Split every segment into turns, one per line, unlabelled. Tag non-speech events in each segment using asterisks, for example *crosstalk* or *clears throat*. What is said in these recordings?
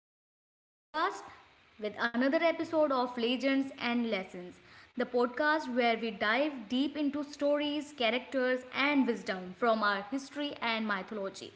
back to another podcast with another episode of Legends and Lessons, the podcast where we dive deep into stories, characters, and wisdom from our history and mythology.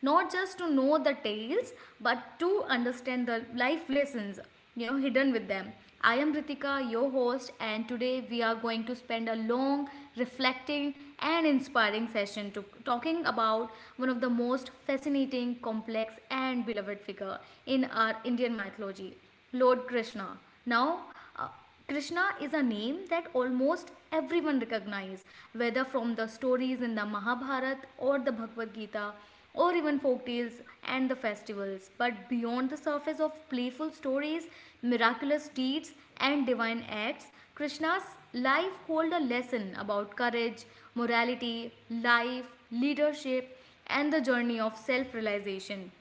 Not just to know the tales, but to understand the life lessons hidden with them. I am Ritika, your host, and today we are going to spend a long, reflecting, and inspiring session to talking about one of the most fascinating, complex, and beloved figure in our Indian mythology, Lord Krishna. Now, uh, uh, Krishna is a name that almost everyone recognizes, whether from the stories in the Mahabharata or the Bhagavad Gita or even folk tales and the festivals. But beyond the surface of playful stories, miraculous deeds, and divine acts, Krishna's life holds a lesson about courage, morality, life, leadership, and the journey of self realization.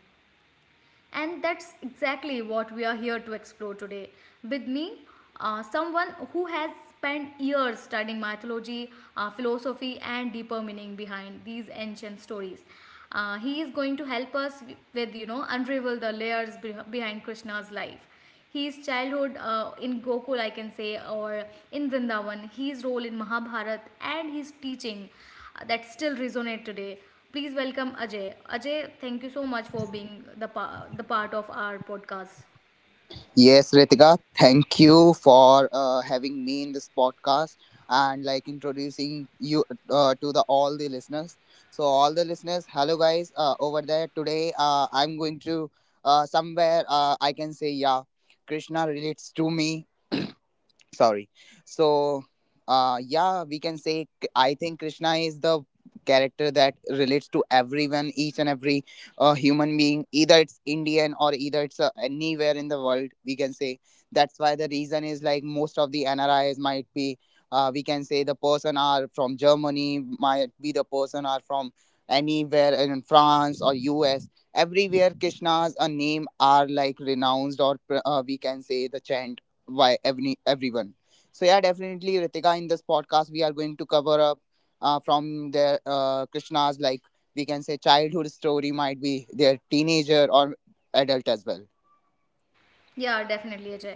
And that's exactly what we are here to explore today. With me, someone who has spent years studying mythology, philosophy, and deeper meaning behind these ancient stories. He is going to help us with, unravel the layers be behind Krishna's life. His childhood in Gokul, I can say, or in Vrindavan, his role in Mahabharat, and his teaching that still resonate today. Please welcome Ajay. Ajay, thank you so much for being the, the part of our podcast.
Yes, Ritika, thank you for having me in this podcast and like introducing you to the all the listeners. So all the listeners, hello guys, over there today. I'm going to somewhere. I can say yeah, Krishna relates to me sorry so yeah we can say I think Krishna is the character that relates to everyone, each and every human being, either it's Indian or either it's anywhere in the world, we can say. That's why the reason is like most of the NRIs might be, we can say, the person are from Germany, might be the person are from anywhere in France or US, everywhere Krishna's a name are like renounced or we can say the chant why every everyone. So yeah, definitely Ritika. In this podcast, we are going to cover up from their Krishna's like, we can say, childhood story, might be their teenager or adult as well.
Yeah, definitely, Ajay.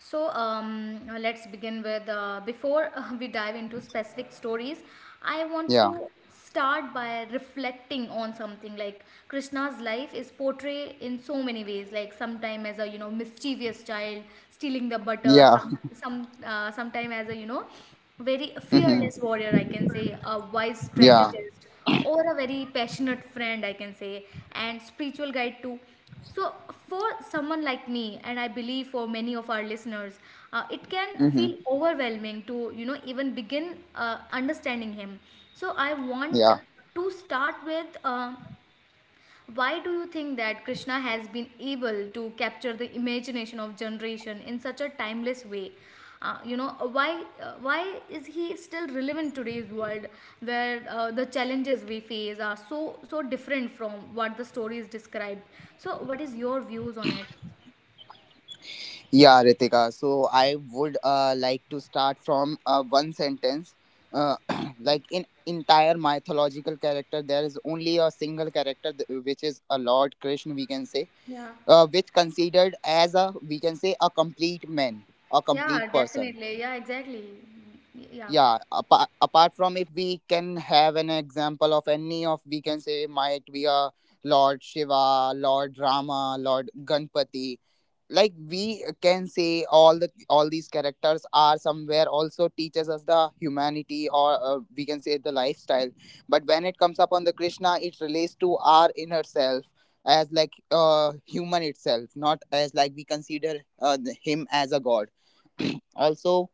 So let's begin with before *laughs* we dive into specific stories, I want
Yeah,
to start by reflecting on something like Krishna's life is portrayed in so many ways. Like sometime as a mischievous child stealing the butter,
yeah,
sometime as a very
*laughs* hmm
fearless warrior, I can say, a wise
yeah,
strategist, or a very passionate friend, I can say, and spiritual guide too. So, for someone like me, and I believe for many of our listeners, it can
hmm
feel overwhelming to even begin understanding him. So, I want
yeah,
to start with. Why do you think that Krishna has been able to capture the imagination of generation in such a timeless way? Why is he still relevant in today's world where the challenges we face are so different from what the story is described? So what is your views on it?
yeah, Ritika. So I would like to start from one sentence. Uh, *clears throat* like in entire mythological character, there is only a single character which is a Lord Krishna. We can say
Yeah.
which considered as a, we can say, a complete man, a complete
Yeah,
person.
definitely. Yeah, exactly. Yeah.
Yeah, apart from, if we can have an example of any of, we can say, might be a Lord Shiva, Lord Rama, Lord Ganpati, like we can say all the all these characters are somewhere also teaches us the humanity or, we can say, the lifestyle. But when it comes upon the Krishna, it relates to our inner self, as like human itself, not as like we consider him as a god also.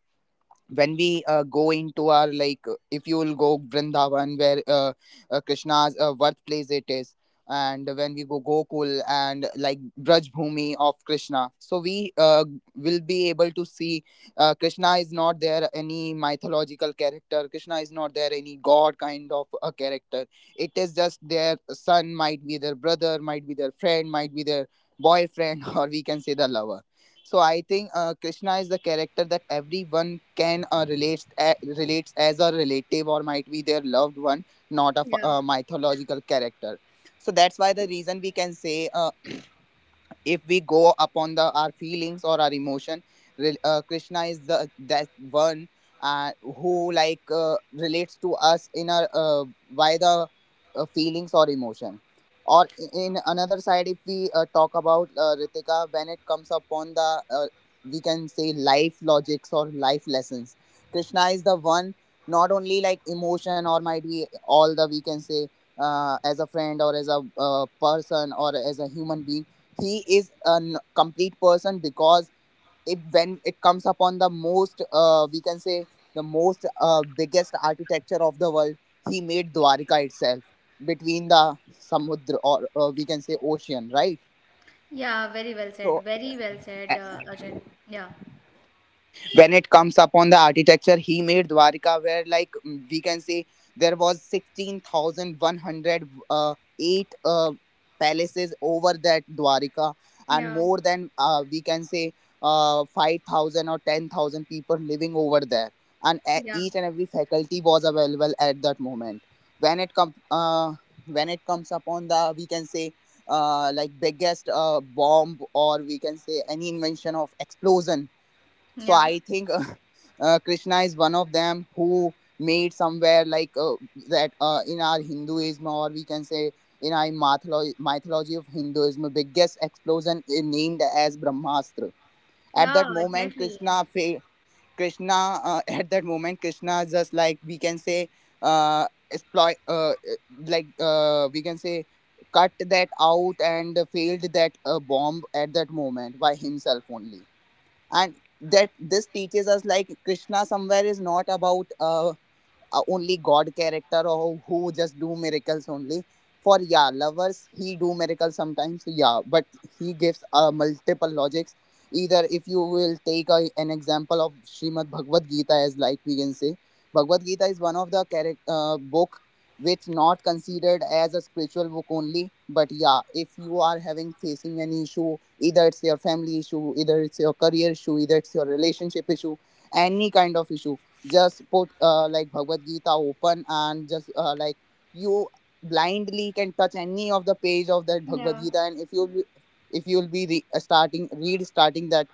When we go into our like if you will go Vrindavan, where Krishna's birthplace it is, and when we go Gokul and like Braj Bhumi of Krishna, so we will be able to see Krishna is not there any mythological character, Krishna is not there any god kind of a character. It is just their son, might be their brother, might be their friend, might be their boyfriend, *laughs* or, we can say, the lover. So I think Krishna is the character that everyone can relates a relates as a relative or might be their loved one, not a,
Yeah.
a mythological character. So that's why the reason, we can say, if we go upon the our feelings or our emotion, Krishna is the that one who like relates to us in our by the feelings or emotion. Or in another side, if we talk about Ritika, when it comes upon the, we can say, life logics or life lessons, Krishna is the one, not only like emotion or might be all the, we can say, as a friend or as a person or as a human being. He is a complete person, because if when it comes upon the most, we can say, the most biggest architecture of the world, he made Dwarka itself between the Samudra or, we can say, ocean, right?
Yeah, very well said,
So
very well said, Ajay. Yeah.
when it comes upon the architecture, he made Dwarka where like we can say there was 16108 uh, eight, uh, palaces over that Dwarka, and
Yeah.
more than, we can say, 5,000 or 10,000 people living over there, and
Yeah.
each and every faculty was available at that moment. when it comes uh, when it comes upon the, we can say, like biggest bomb or, we can say, any invention of explosion. So
Yeah.
I think *laughs* Krishna is one of them who made somewhere like that in our Hinduism or, we can say, in our mythology of Hinduism biggest explosion is named as Brahmastra. At
Yeah,
that moment
exactly.
Krishna, *laughs* at that moment Krishna just like, we can say, uh, exploit like we can say, cut that out and failed that bomb at that moment by himself only. And that this teaches us like Krishna somewhere is not about a only God character or who just do miracles only. For yeah, lovers he do miracles sometimes. Yeah, but he gives multiple logics. Either if you will take a, an example of Srimad Bhagavad Gita, as like, we can say, Bhagavad Gita is one of the character book which not considered as a spiritual book only. But yeah, if you are having facing an issue, either it's your family issue, either it's your career issue, either it's your relationship issue, any kind of issue, just put like Bhagavad Gita open and just like you blindly can touch any of the page of that Bhagavad
Yeah,
Gita, and if you if you'll be starting read starting that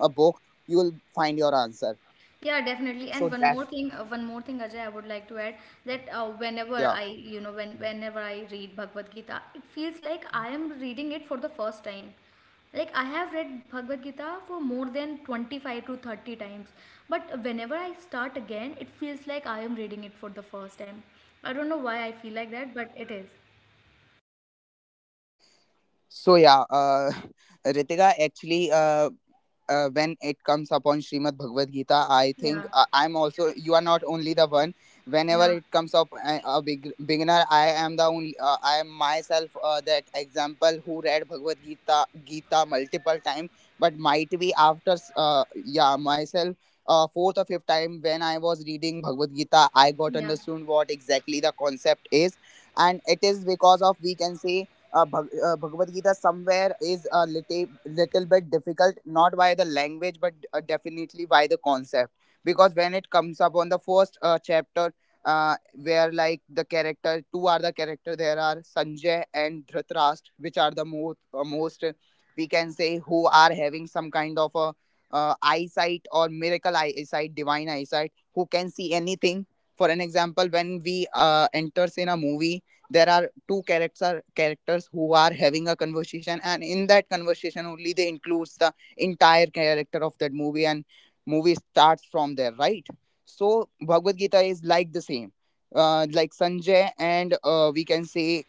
a book, you will find your answer.
yeah, definitely.
So
And one
that
more thing, Ajay, I would like to add that whenever
yeah.
I, you know, when whenever I read Bhagavad Gita, it feels like I am reading it for the first time. Like I have read Bhagavad Gita for more than 25 to 30 times, but whenever I start again, it feels like I am reading it for the first time. I don't know why I feel like that, but it is.
So yeah, *laughs* Ritika actually when it comes upon Srimad Bhagavad Gita, I think
Yeah.
I'm also, you are not only the one. Whenever
Yeah,
it comes up a big beginner, I am the only I am myself that example who read Bhagavad Gita multiple time, but might be after yeah myself. Fourth or fifth time when I was reading Bhagavad Gita, I got
yeah,
understood what exactly the concept is, and it is because of, we can say, Bhagavad Gita somewhere is a little, little bit difficult, not by the language, but definitely by the concept. Because when it comes up on the first chapter, where like the character, two are the character, there are Sanjay and Dhritarashtra, which are the most, we can say, who are having some kind of a eyesight or miracle eyesight, divine eyesight, who can see anything. For an example, when we enters in a movie, there are two characters who are having a conversation, and in that conversation only they includes the entire character of that movie, and movie starts from there, right? So Bhagavad Gita is like the same, like Sanjay and, we can say,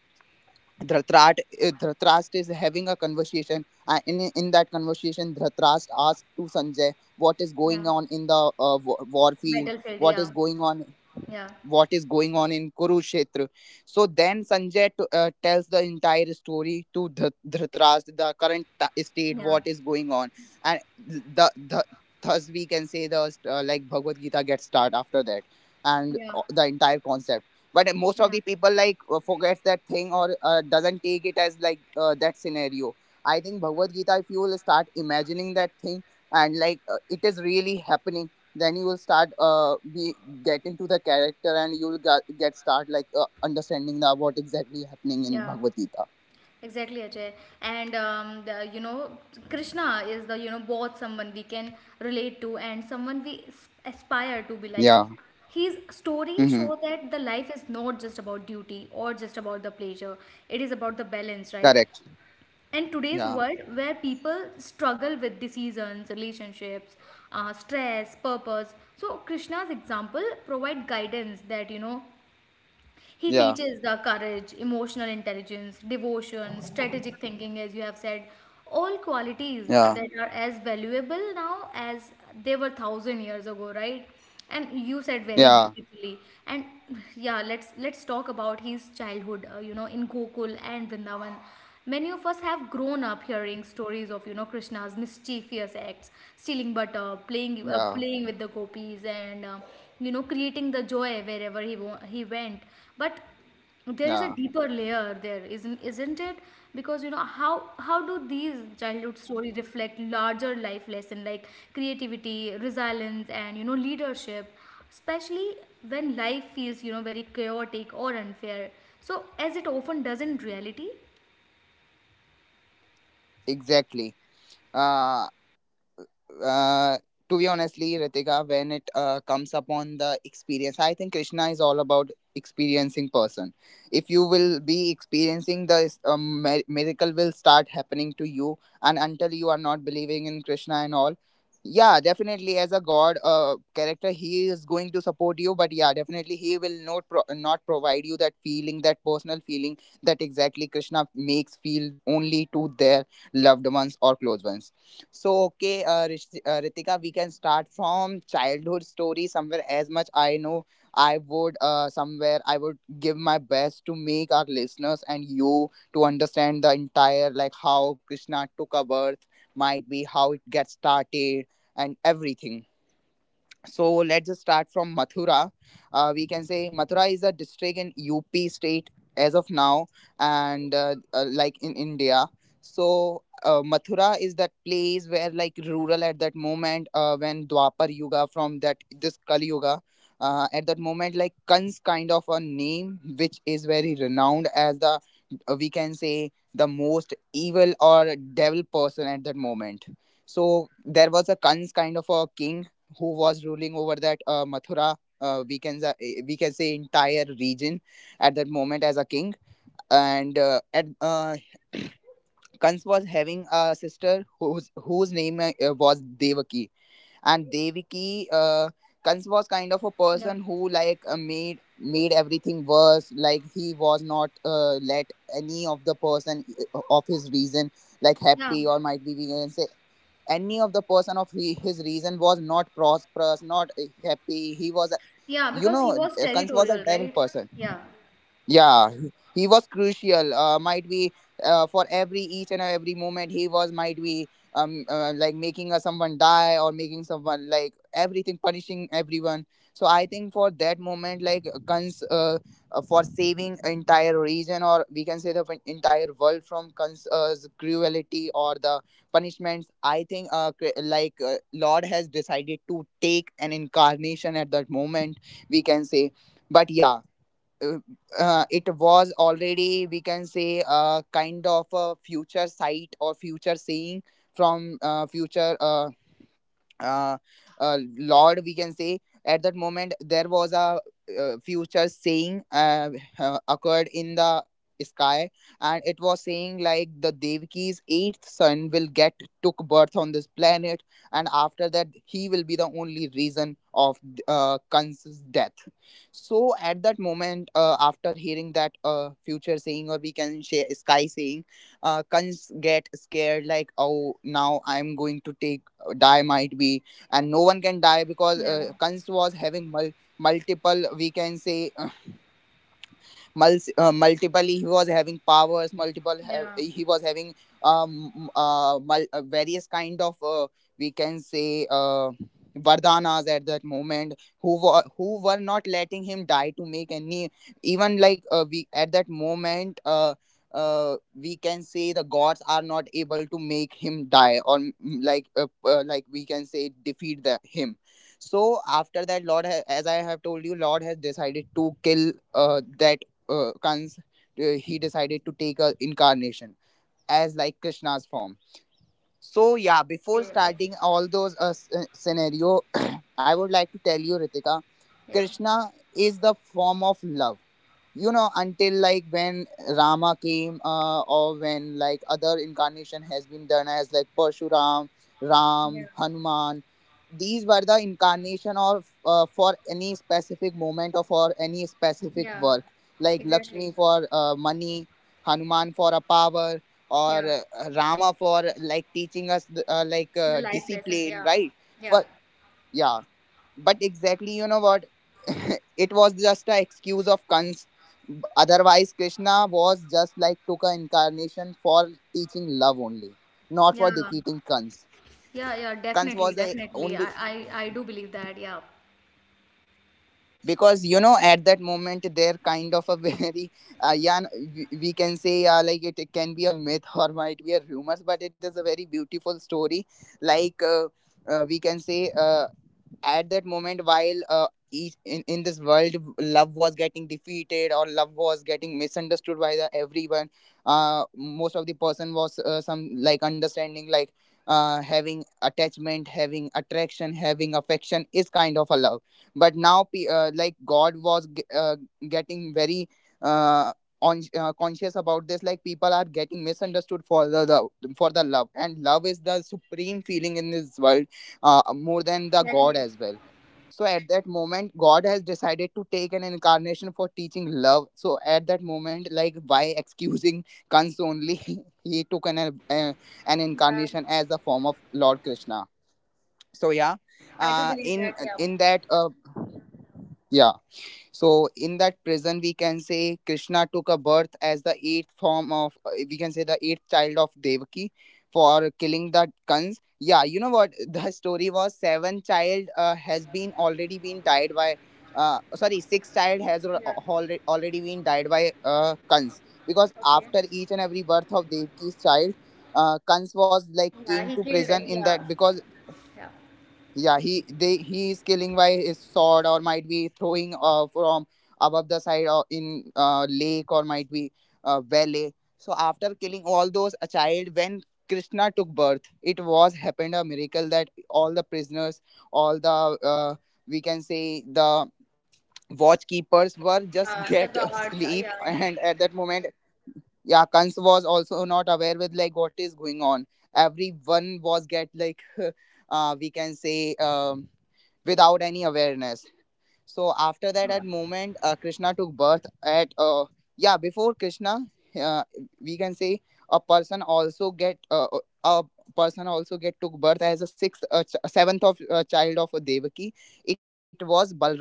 Dhritarashtra is having a conversation, and in that conversation Dhritarashtra asks to Sanjay what is
yeah.
going on in the war field,
Battlefield,
what is
Yeah,
going on,
yeah,
what is going on in Kurukshetra. So then Sanjay tells the entire story to Dhritarashtra, the current state,
yeah,
what is going on, and the thus, we can say, the like Bhagavad Gita gets start after that, and
yeah,
the entire concept. But most of
yeah,
the people like forgets that thing or doesn't take it as like that scenario. I think Bhagavad Gita, if you will start imagining that thing and like it is really happening, then you will start be get into the character, and you'll get start like understanding the what exactly happening in
yeah.
Bhagavad Gita.
Exactly, Ajay. And the, Krishna is the both someone we can relate to and someone we aspire to be like.
Yeah.
His story
Mm-hmm.
show that the life is not just about duty or just about the pleasure. It is about the balance, right?
Correct.
And today's
Yeah.
world where people struggle with decisions, relationships, stress, purpose. So Krishna's example provide guidance that he
Yeah,
teaches the courage, emotional intelligence, devotion, strategic thinking, as you have said, all qualities
yeah,
that are as valuable now as they were thousand years ago, right? And you said very
yeah,
beautifully. And yeah, let's talk about his childhood. In Gokul and Vrindavan. Many of us have grown up hearing stories of Krishna's mischievous acts, stealing butter,
yeah,
playing with the gopis, and creating the joy wherever he went. But there is a
yeah,
deeper layer there, isn't it? Because you know how do these childhood stories reflect larger life lesson like creativity, resilience, and leadership, especially when life feels very chaotic or unfair. So as it often does in reality.
exactly. uh uh, to be honestly, Ritika, when it comes upon the experience, I think Krishna is all about experiencing person. If you will be experiencing the miracle will start happening to you, and until you are not believing in Krishna and all, yeah, definitely as a god character, he is going to support you. But yeah, definitely he will not provide you that feeling, that personal feeling that exactly Krishna makes feel only to their loved ones or close ones. So, okay, Ritika, we can start from childhood story. Somewhere as much I know, I would somewhere I would give my best to make our listeners and you to understand the entire like how Krishna took a birth, might be how it gets started and everything. So let's just start from Mathura. We can say Mathura is a district in UP state as of now, and like in India. So Mathura is that place where like rural at that moment when Dwapar Yuga from that this Kali Yuga. At that moment, like Kan's kind of a name, which is very renowned as the, we can say, the most evil or devil person at that moment. So there was a Kan's kind of a king who was ruling over that Mathura. We can say entire region at that moment as a king, and at *clears throat* Kans was having a sister whose name was Devaki, and Devaki. Kans was kind of a
Yeah.
person who like made everything worse. Like he was not let any of the person of his reason like
Yeah,
happy or might be we can say any of the person of he, his reason was not prosperous not happy he was
yeah,
you
because he
know
was
Kans was a
territorial,
devil
right?
person,
Yeah,
yeah, he was crucial. Might be for every each and every moment he was might be like making someone die or making someone like everything punishing everyone. So I think for that moment, like cons for saving entire region or we can say the entire world from cons cruelty or the punishments. I think like Lord has decided to take an incarnation at that moment. We can say, but yeah, uh, it was already we can say a kind of a future sight or future seeing from future uh, lord we can say at that moment there was a future saying occurred in the sky, and it was saying like the devaki's eighth son will get took birth on this planet, and after that he will be the only reason of Kansa's death. So at that moment, after hearing that future saying or we can say sky saying, Kans get scared like, oh, now I'm going to take die, might be, and no one can die because Kunst was having multiple, we can say, multiple, he was having powers multiple,
yeah.
he was having various kind of, we can say, vardanas at that moment who were not letting him die to make any, even like we at that moment, we can say the gods are not able to make him die or like, like we can say defeat the him. So after that lord as I have told you, lord has decided to kill that Kans. He decided to take a incarnation as like Krishna's form. So yeah,
Okay,
before
okay.
starting all those scenario, *coughs* *clears throat* I would like to tell you, Ritika,
Yeah,
Krishna is the form of love, you know, until like when rama came, or when like other incarnation has been done as like parshuram,
yeah,
ram, hanuman. These were the incarnation of for any specific moment or for any specific
yeah.
work, like
Exactly.
lakshmi for money, hanuman for a power, or
Yeah,
rama for like teaching us, like
the life lesson.
discipline,
Yeah,
right?
yeah,
For yeah, but exactly, you know what, *laughs* it was just a excuse of cons. Otherwise krishna was just like took a incarnation for teaching love only, not for
yeah,
defeating cons.
yeah, yeah.
Cons
Definitely,
was the
definitely.
only,
I do believe that. Yeah.
because you know at that moment they're kind of a *laughs* very yeah, we can say, like it can be a myth or might be a rumors, but it is a very beautiful story, like, we can say, at that moment while each in this world, love was getting defeated or love was getting misunderstood by the everyone. Most of the person was some like understanding like having attachment, having attraction, having affection is kind of a love. But now like god was getting very uh, conscious about this, like people are getting misunderstood for the love, for the love, and love is the supreme feeling in this world, more than the God
Exactly.
as well. So at that moment, God has decided to take an incarnation for teaching love. So at that moment, like by excusing Kans only, *laughs* he took uh, an
Yeah,
incarnation as a form of Lord Krishna. So yeah,
I do
uh,
believe
in
that. Yeah,
in that yeah, so in that prison, we can say Krishna took a birth as the eighth form of, we can say the eighth child of Devaki for killing the Kans. Yeah, you know what? The story was seven child has been already been died by, sorry, six child has
yeah.
already been died by Kans, because
Okay.
after each and every birth of Devaki's child, Kans was like
Yeah,
came
he
to
killed
prison
it.
in
Yeah,
that. Because
yeah,
yeah, he they he is killing by his sword or might be throwing from above the side or in lake or might be valley. So after killing all those, a child when Krishna took birth, it was happened a miracle that all the prisoners, all the, uh, we can say, the watchkeepers were just *laughs*
yeah. The
get a
guards. Yeah,
sleep.
I know.
And at that moment, yeah, kans was also not aware with like what is going on, everyone was get like *laughs* we can say, without any awareness. So after that,
Yeah.
at moment, Krishna took birth at yeah, before Krishna, uh, we can say, a person also get a person also get took birth as a sixth seventh of child of a Devaki. It was Balrama,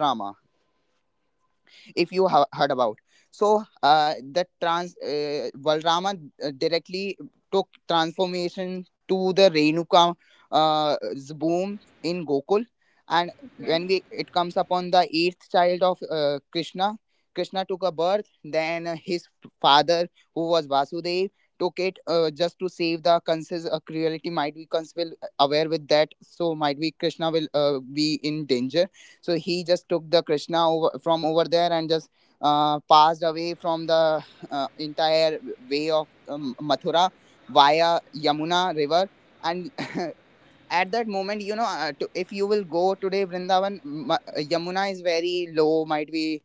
if you have heard about. So that trans balrama directly took transformation to the renuka, uh, boom in gokul. And
Okay.
when we it comes upon the eighth child of krishna, krishna took a birth, then his father, who was vasudev, took it just to save the Kansa's cruelty. Might be Kans will aware with that, so might be Krishna will be in danger. So he just took the krishna over, from over there, and just passed away from the entire way of mathura via yamuna river. And *laughs* at that moment, you know, if you will go today, Vrindavan, Yamuna is very low, might be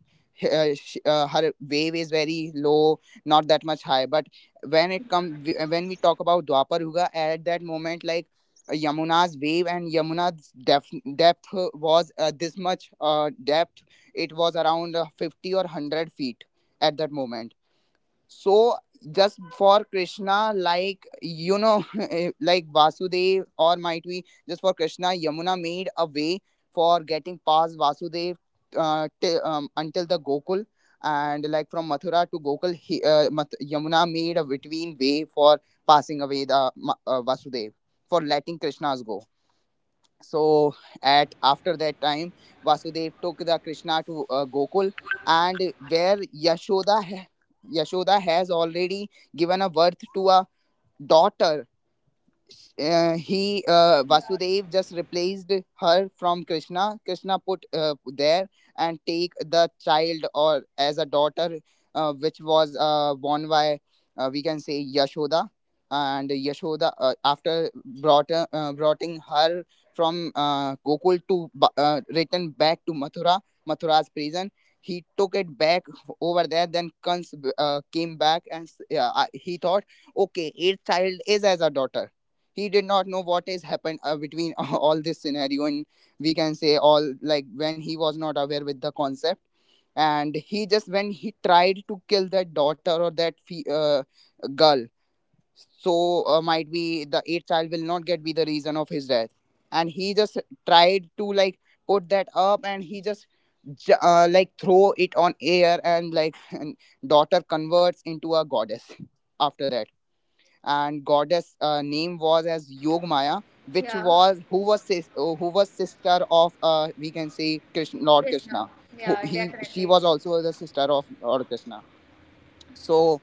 her wave is very low, not that much high. But when it come, when we talk about Dwapar Yuga, at that moment, like Yamuna's wave and Yamuna's depth was this much depth. It was around 50 or 100 feet at that moment. So just for krishna, like, you know, *laughs* like vasudev or might we, just for krishna, yamuna made a way for getting past vasudev, until the gokul. And like from mathura to gokul he, yamuna made a between way for passing away the vasudev, for letting krishnas go. So at after that time, vasudev took the krishna to gokul. And where yashoda ha- yashoda has already given a birth to a daughter, he Vasudev just replaced her from Krishna. Krishna put there, and take the child or as a daughter, which was born by, we can say, Yashoda. And Yashoda after brought broughting her from Gokul to return back to Mathura, Mathura's prison. He took it back over there. Then Kans came back and yeah, he thought, okay, eighth child is as a daughter. He did not know what has happened between *laughs* all this scenario. And we can say all, like, when he was not aware with the concept, and he just when he tried to kill that daughter or that girl. So might be the eighth child will not get be the reason of his death. And he just tried to like put that up, and he just like throw it on air, and like *laughs* and daughter converts into a goddess after that. And goddess name was as Yogmaya, which
Yeah.
was who was sister of, we can say, Krishna, Lord
Krishna.
Krishna. Who
Yeah,
he she
definitely.
was also the sister of Lord Krishna. So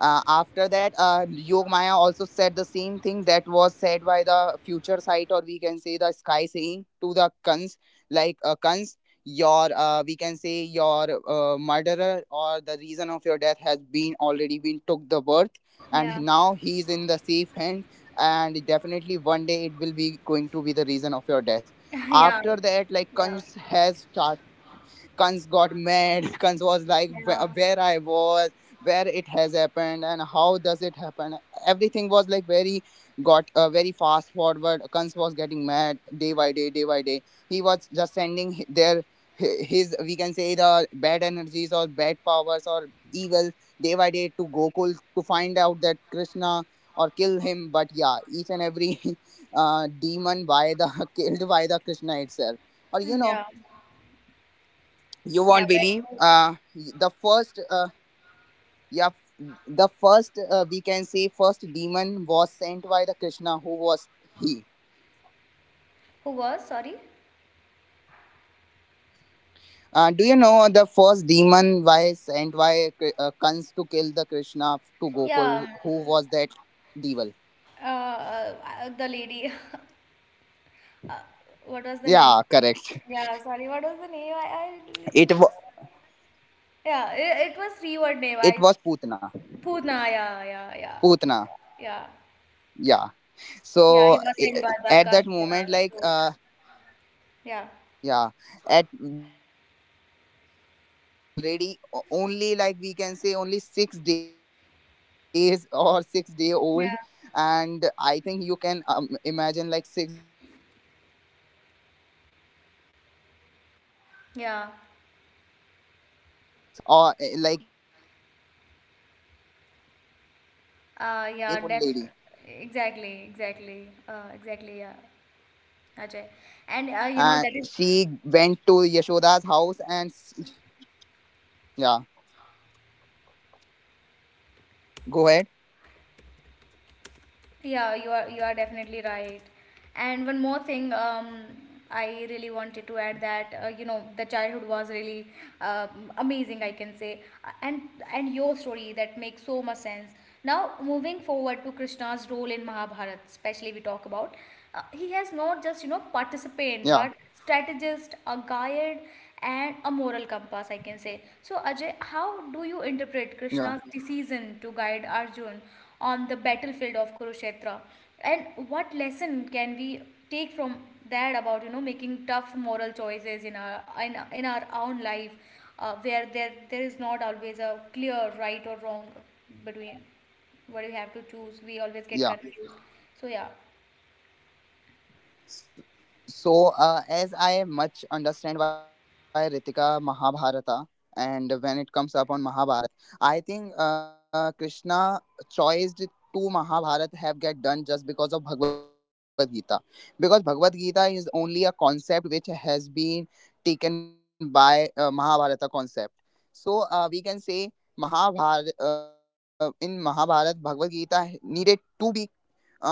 after that yog maya also said the same thing that was said by the future sight, or we can say the sky saying to the kans, like, kans, your, we can say, your murderer or the reason of your death has been already been took the birth, and
Yeah.
now he is in the safe hands, and definitely one day it will be going to be the reason of your death.
*laughs* Yeah,
After that like
yeah,
kans has started, Kans got mad. *laughs* Kans was like, "Where
yeah.
where I was, where it has happened, and how does it happen?" Everything was like very got very fast forward. Kans was getting mad day by day, day by day. He was just sending his, we can say, the bad energies or bad powers or evil day by day to Gokul to find out that Krishna or kill him. But yeah, each and every *laughs* demon by the *laughs* killed by the Krishna itself. Or you
Mm,
know,
yeah.
you
Yeah,
won't
that's
believe
so true.
the first yeah the first we can say first demon was sent by the krishna who was he
Who was? Sorry.
do you know the first demon was sent by Kans to kill the krishna to
Yeah,
gokul who was that devil?
the lady. *laughs* Uh, what was the name?
Yeah, correct.
Yeah, sorry. What was the name? I
it
literally.
wa-
Yeah, it was three word name.
it
I
was putna.
Poona. Yeah, yeah, yeah,
Putna,
yeah,
yeah.
yeah. He
so
was
i-
in by the
at that
guns.
moment
Yeah,
like
so. Yeah.
yeah at at that moment like krishna was already only, like we can say, only 6 days *laughs* or 6-day old. And
Yeah.
I think you can imagine like 6-day child cannot even like movement very fast forward, right? So at that
Yeah.
*laughs* moment like *laughs* putna came to gokul or eh, like in and changed her we can say the
Yeah.
form
Def-
as like a very
exactly.
beautiful lady.
Exactly. Exactly. Yeah.
And
Ajay.
she
And
went to
that is,
Yashoda's house. Yeah, go ahead.
yeah, you are, you are definitely right. And one more thing, I really wanted to add that the childhood was really amazing, I can say. And your story that makes so much sense. Now moving forward to Krishna's role in Mahabharata, especially we talk about, he has not just participant
Yeah,
but strategist, a guide, and a moral compass, I can say. So Ajay, how do you interpret Krishna's
yeah,
decision to guide Arjun on the battlefield of Kurukshetra? And what lesson can we take from that about making tough moral choices in in our own life, where there is not always a clear right or wrong between what we have to choose. We always get confused.
yeah.
So yeah,
So, as I much understand why Ritika Mahabharata, and when it comes up on Mahabharat, I think Krishna choiced to Mahabharat have get done just because of Bhagavad Gita, because Bhagavad Gita is only a concept which has been taken by Mahabharata concept. So we can say Mahabharata in Mahabharat, Bhagavad Gita needed to be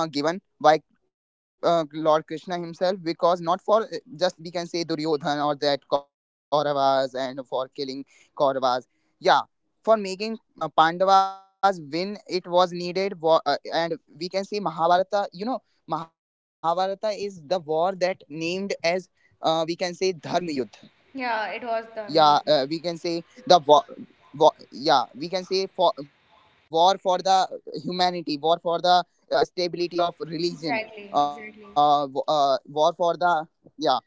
given by Lord Krishna himself, because not for just we can say Duryodhan or that Kauravas and for killing Kauravas. Yeah, for making Pandavas win, it was needed. War, and we can say Mahabharata, you know, Mahabharata is the war that named as we can say Dharma Yudh.
yeah, it was the
Yeah,
mute.
we can say the war, war, yeah, we can say for war, for the humanity, war for the stability of
Exactly,
religion,
exactly.
war for the yeah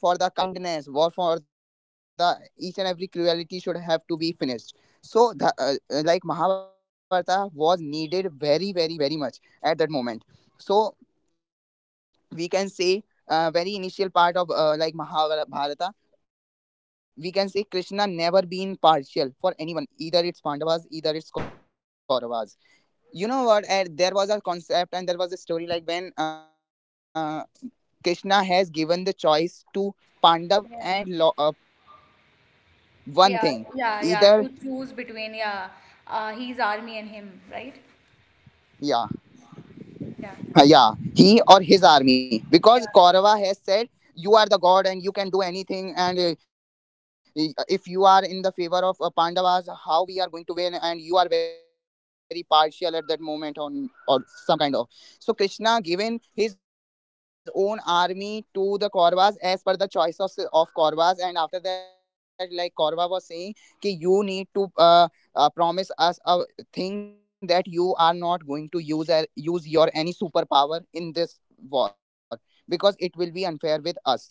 war for the kindness, war for the each and every cruelty should have to be finished. So the like mahabharata was needed very very very much at that moment. So we can say very initial part of like mahabharata, we can say krishna never been partial for anyone, either it's pandavas, either it's kauravas. You know what, and there was a concept and there was a story like when krishna has given the choice to pandav and
Yeah.
kaurava at that moment to choose one
Yeah,
thing.
yeah, yeah.
Either
To choose between, yeah, he's
yeah,
army and him, right?
Yeah, he or his
Yeah,
army, because kaurava has said you are
yeah,
the god and you can do anything, and if you are in the favor of pandavas, how we are going to win, and you are very partial at that moment on, or some kind of. So krishna given his own army to the kauravas as per the choice of kauravas, and after that like kaurava was saying ki you need to promise us a, think that you are not going to use a, use your any superpower in this war, because it will be unfair with us.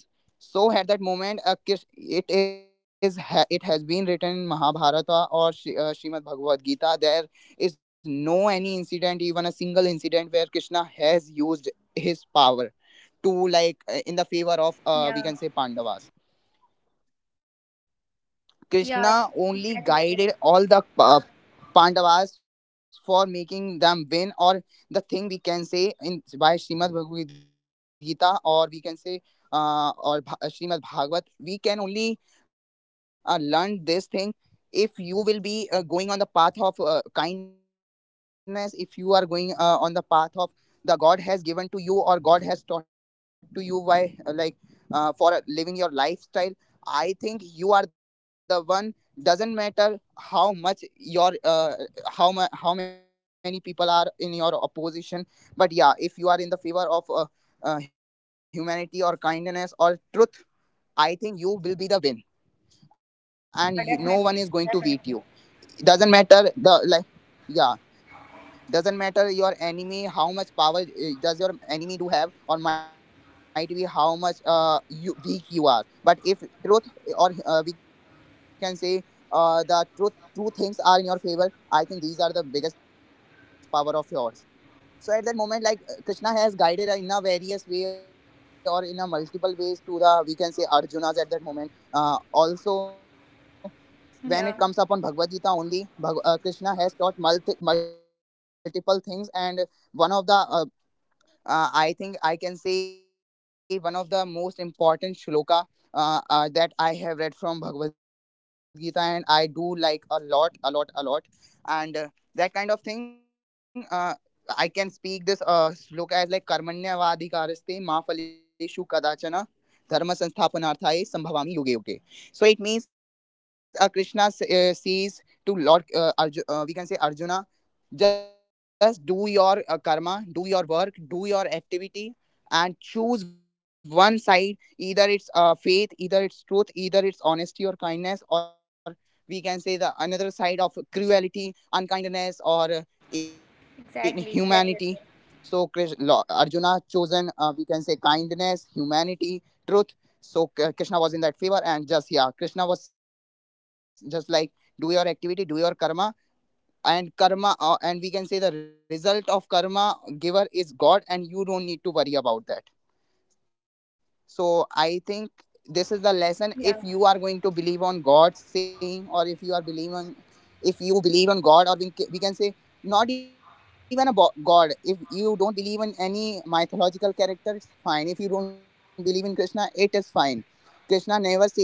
So at that moment a kish, it it has been written in mahabharata or Srimad bhagavad gita there is no any incident, even a single incident, where krishna has used his power to like in the favor of
yeah.
we can say pandavas.
Yeah,
Krishna
exactly,
only
Ajay.
guided all the Pandavas for making them win, or the thing we can say in by Srimad Bhagavad Gita, or we can say Srimad Bhagavat. We can only learn this thing. If you will be going on the path of kindness, if you are going on the path of the God has given to you, or God has taught to you by like for living your lifestyle, I think you are the one. Doesn't matter how much your how many people are in your opposition, but yeah, if you are in the favor of humanity or kindness or truth, I think you will be the win, and you, no one is going to beat you. Doesn't matter the like yeah, doesn't matter your enemy how much power does your enemy do have, or might be how much you weak you are, but if truth, eh, or we can say the truth, two things are in your favor, I think these are the biggest power of yours. So at that moment like krishna has guided in a various way or in a multiple ways to the we can say arjunas at that moment also. When
Yeah,
it comes upon Bhagavad Gita only, Krishna has taught multiple things, and one of the I think I can say one of the most important shloka that I have read from Bhagavad Gita, and I do like a lot, a lot, a lot, and that kind of thing. I can speak this shloka as like karmanyavadi kariste ma phaleshu kadachana dharma sansthapanarthai sambhavami yoge yoge. So it means says to Lord we can say Arjuna, just do your karma, do your work, do your activity, and choose one side. Either it's faith, either it's truth, either it's honesty or kindness, or we can say the another side of cruelty, unkindness, or
exactly,
inhumanity.
exactly, Ajay.
So Arjuna chosen, we can say kindness, humanity, truth. So Krishna was in that favor, and just yeah, Krishna was just like do your activity, do your karma, and karma and we can say the result of karma giver is god, and you don't need to worry about that. So I think this is the lesson. If
Yeah,
you are going to believe on god's saying, or if you are believing on, if you believe on god, or we can say not even a god, if you don't believe in any mythological character, it's fine. If you don't believe in krishna, it is fine. Krishna never says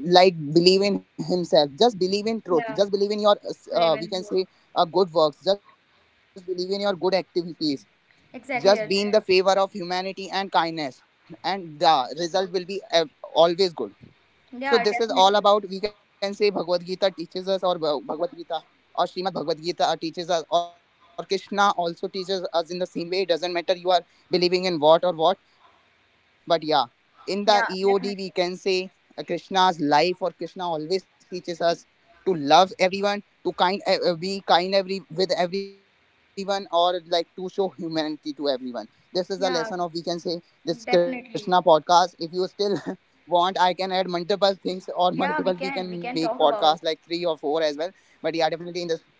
like believe in himself, just believe in truth,
yeah,
just believe in your we can say good works, just believe in your good activities, just
exactly,
be in the
Ajay.
favor of humanity and kindness, and the result will be always good. So
Yeah,
this is all
definitely.
about we can say Bhagavad Gita teaches us, or Bhagavad Gita or Srimad Bhagavad Gita teaches us, or Krishna also teaches us in the same way. It doesn't matter you are believing in what or what, but yeah, in the
Yeah,
EOD we can
definitely.
say Krishna's life or Krishna always teaches us to love everyone, to kind be kind every with everyone, or like to show humanity to everyone. This is the lesson
Yeah,
of we can say this Krishna
definitely.
podcast. If you still *laughs* want, I can add multiple things, or
Yeah,
multiple, we can
we
make
can talk
podcasts
about.
like three or four as well. But yeah, definitely in this.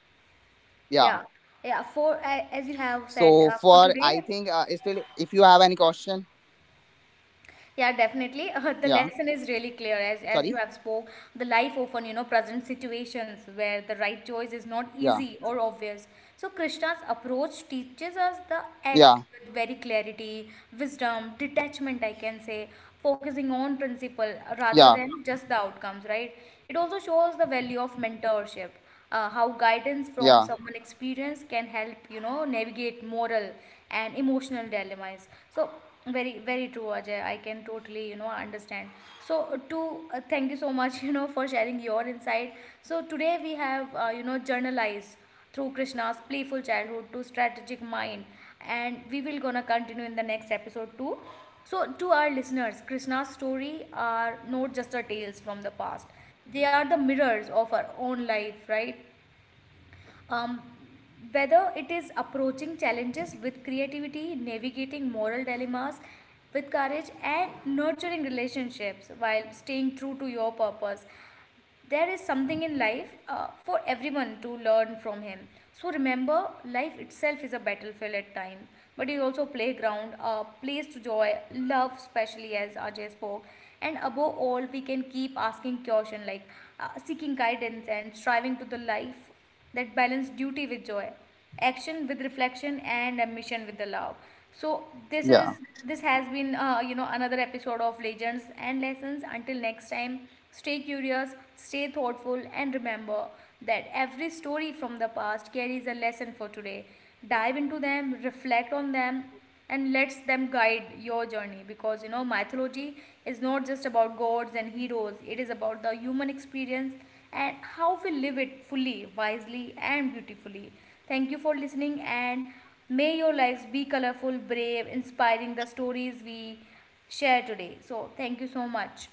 Yeah,
Yeah,
yeah. As you
so
have said,
for, I
for
think
today,
still if you have any question.
yeah, definitely. *laughs* The
Yeah,
lesson is really clear as you
sorry.
have spoke. The life often, you know, presents situations where the right choice is not
Yeah,
easy or obvious. So Krishna's approach teaches us the act
yeah,
with very clarity, wisdom, detachment, I can say, focusing on principle
yeah,
rather than just the outcomes, right? It also shows the value of mentorship, how
yeah,
guidance from someone experienced can help navigate moral and emotional dilemmas. So very very true, Ajay. I can totally understand. So to thank you so much *laughs* for sharing your insight. So today we have journalized through Krishna's playful childhood to strategic mind, and we will gonna continue in the next episode too. So to our listeners, Krishna's story are not just our tales from the past. They are the mirrors of our own life, right?
yeah.
Um, Whether it is approaching
Mm-mm.
challenges with creativity, navigating moral dilemmas with courage and nurturing relationships while staying true to your purpose, there is something in life for everyone to learn from him. So remember, life itself is a battlefield at times, but it is also a playground, a place to joy love, especially as Ajay spoke. And above all, we can keep asking caution like seeking guidance and striving to the life that balance duty with joy, action with reflection, and ambition with the love. So this
Yeah.
is, this has been another episode of Legends and Lessons. Until next time, stay curious, stay thoughtful, and remember that every story from the past carries a lesson for today. Dive into them, reflect on them, and let them guide your journey, because you know mythology is not just about gods and heroes, it is about the human experience and how we live it fully, wisely, and beautifully. Thank you for listening, and may your lives be colorful, brave, inspiring the stories we share today. So, thank you so much.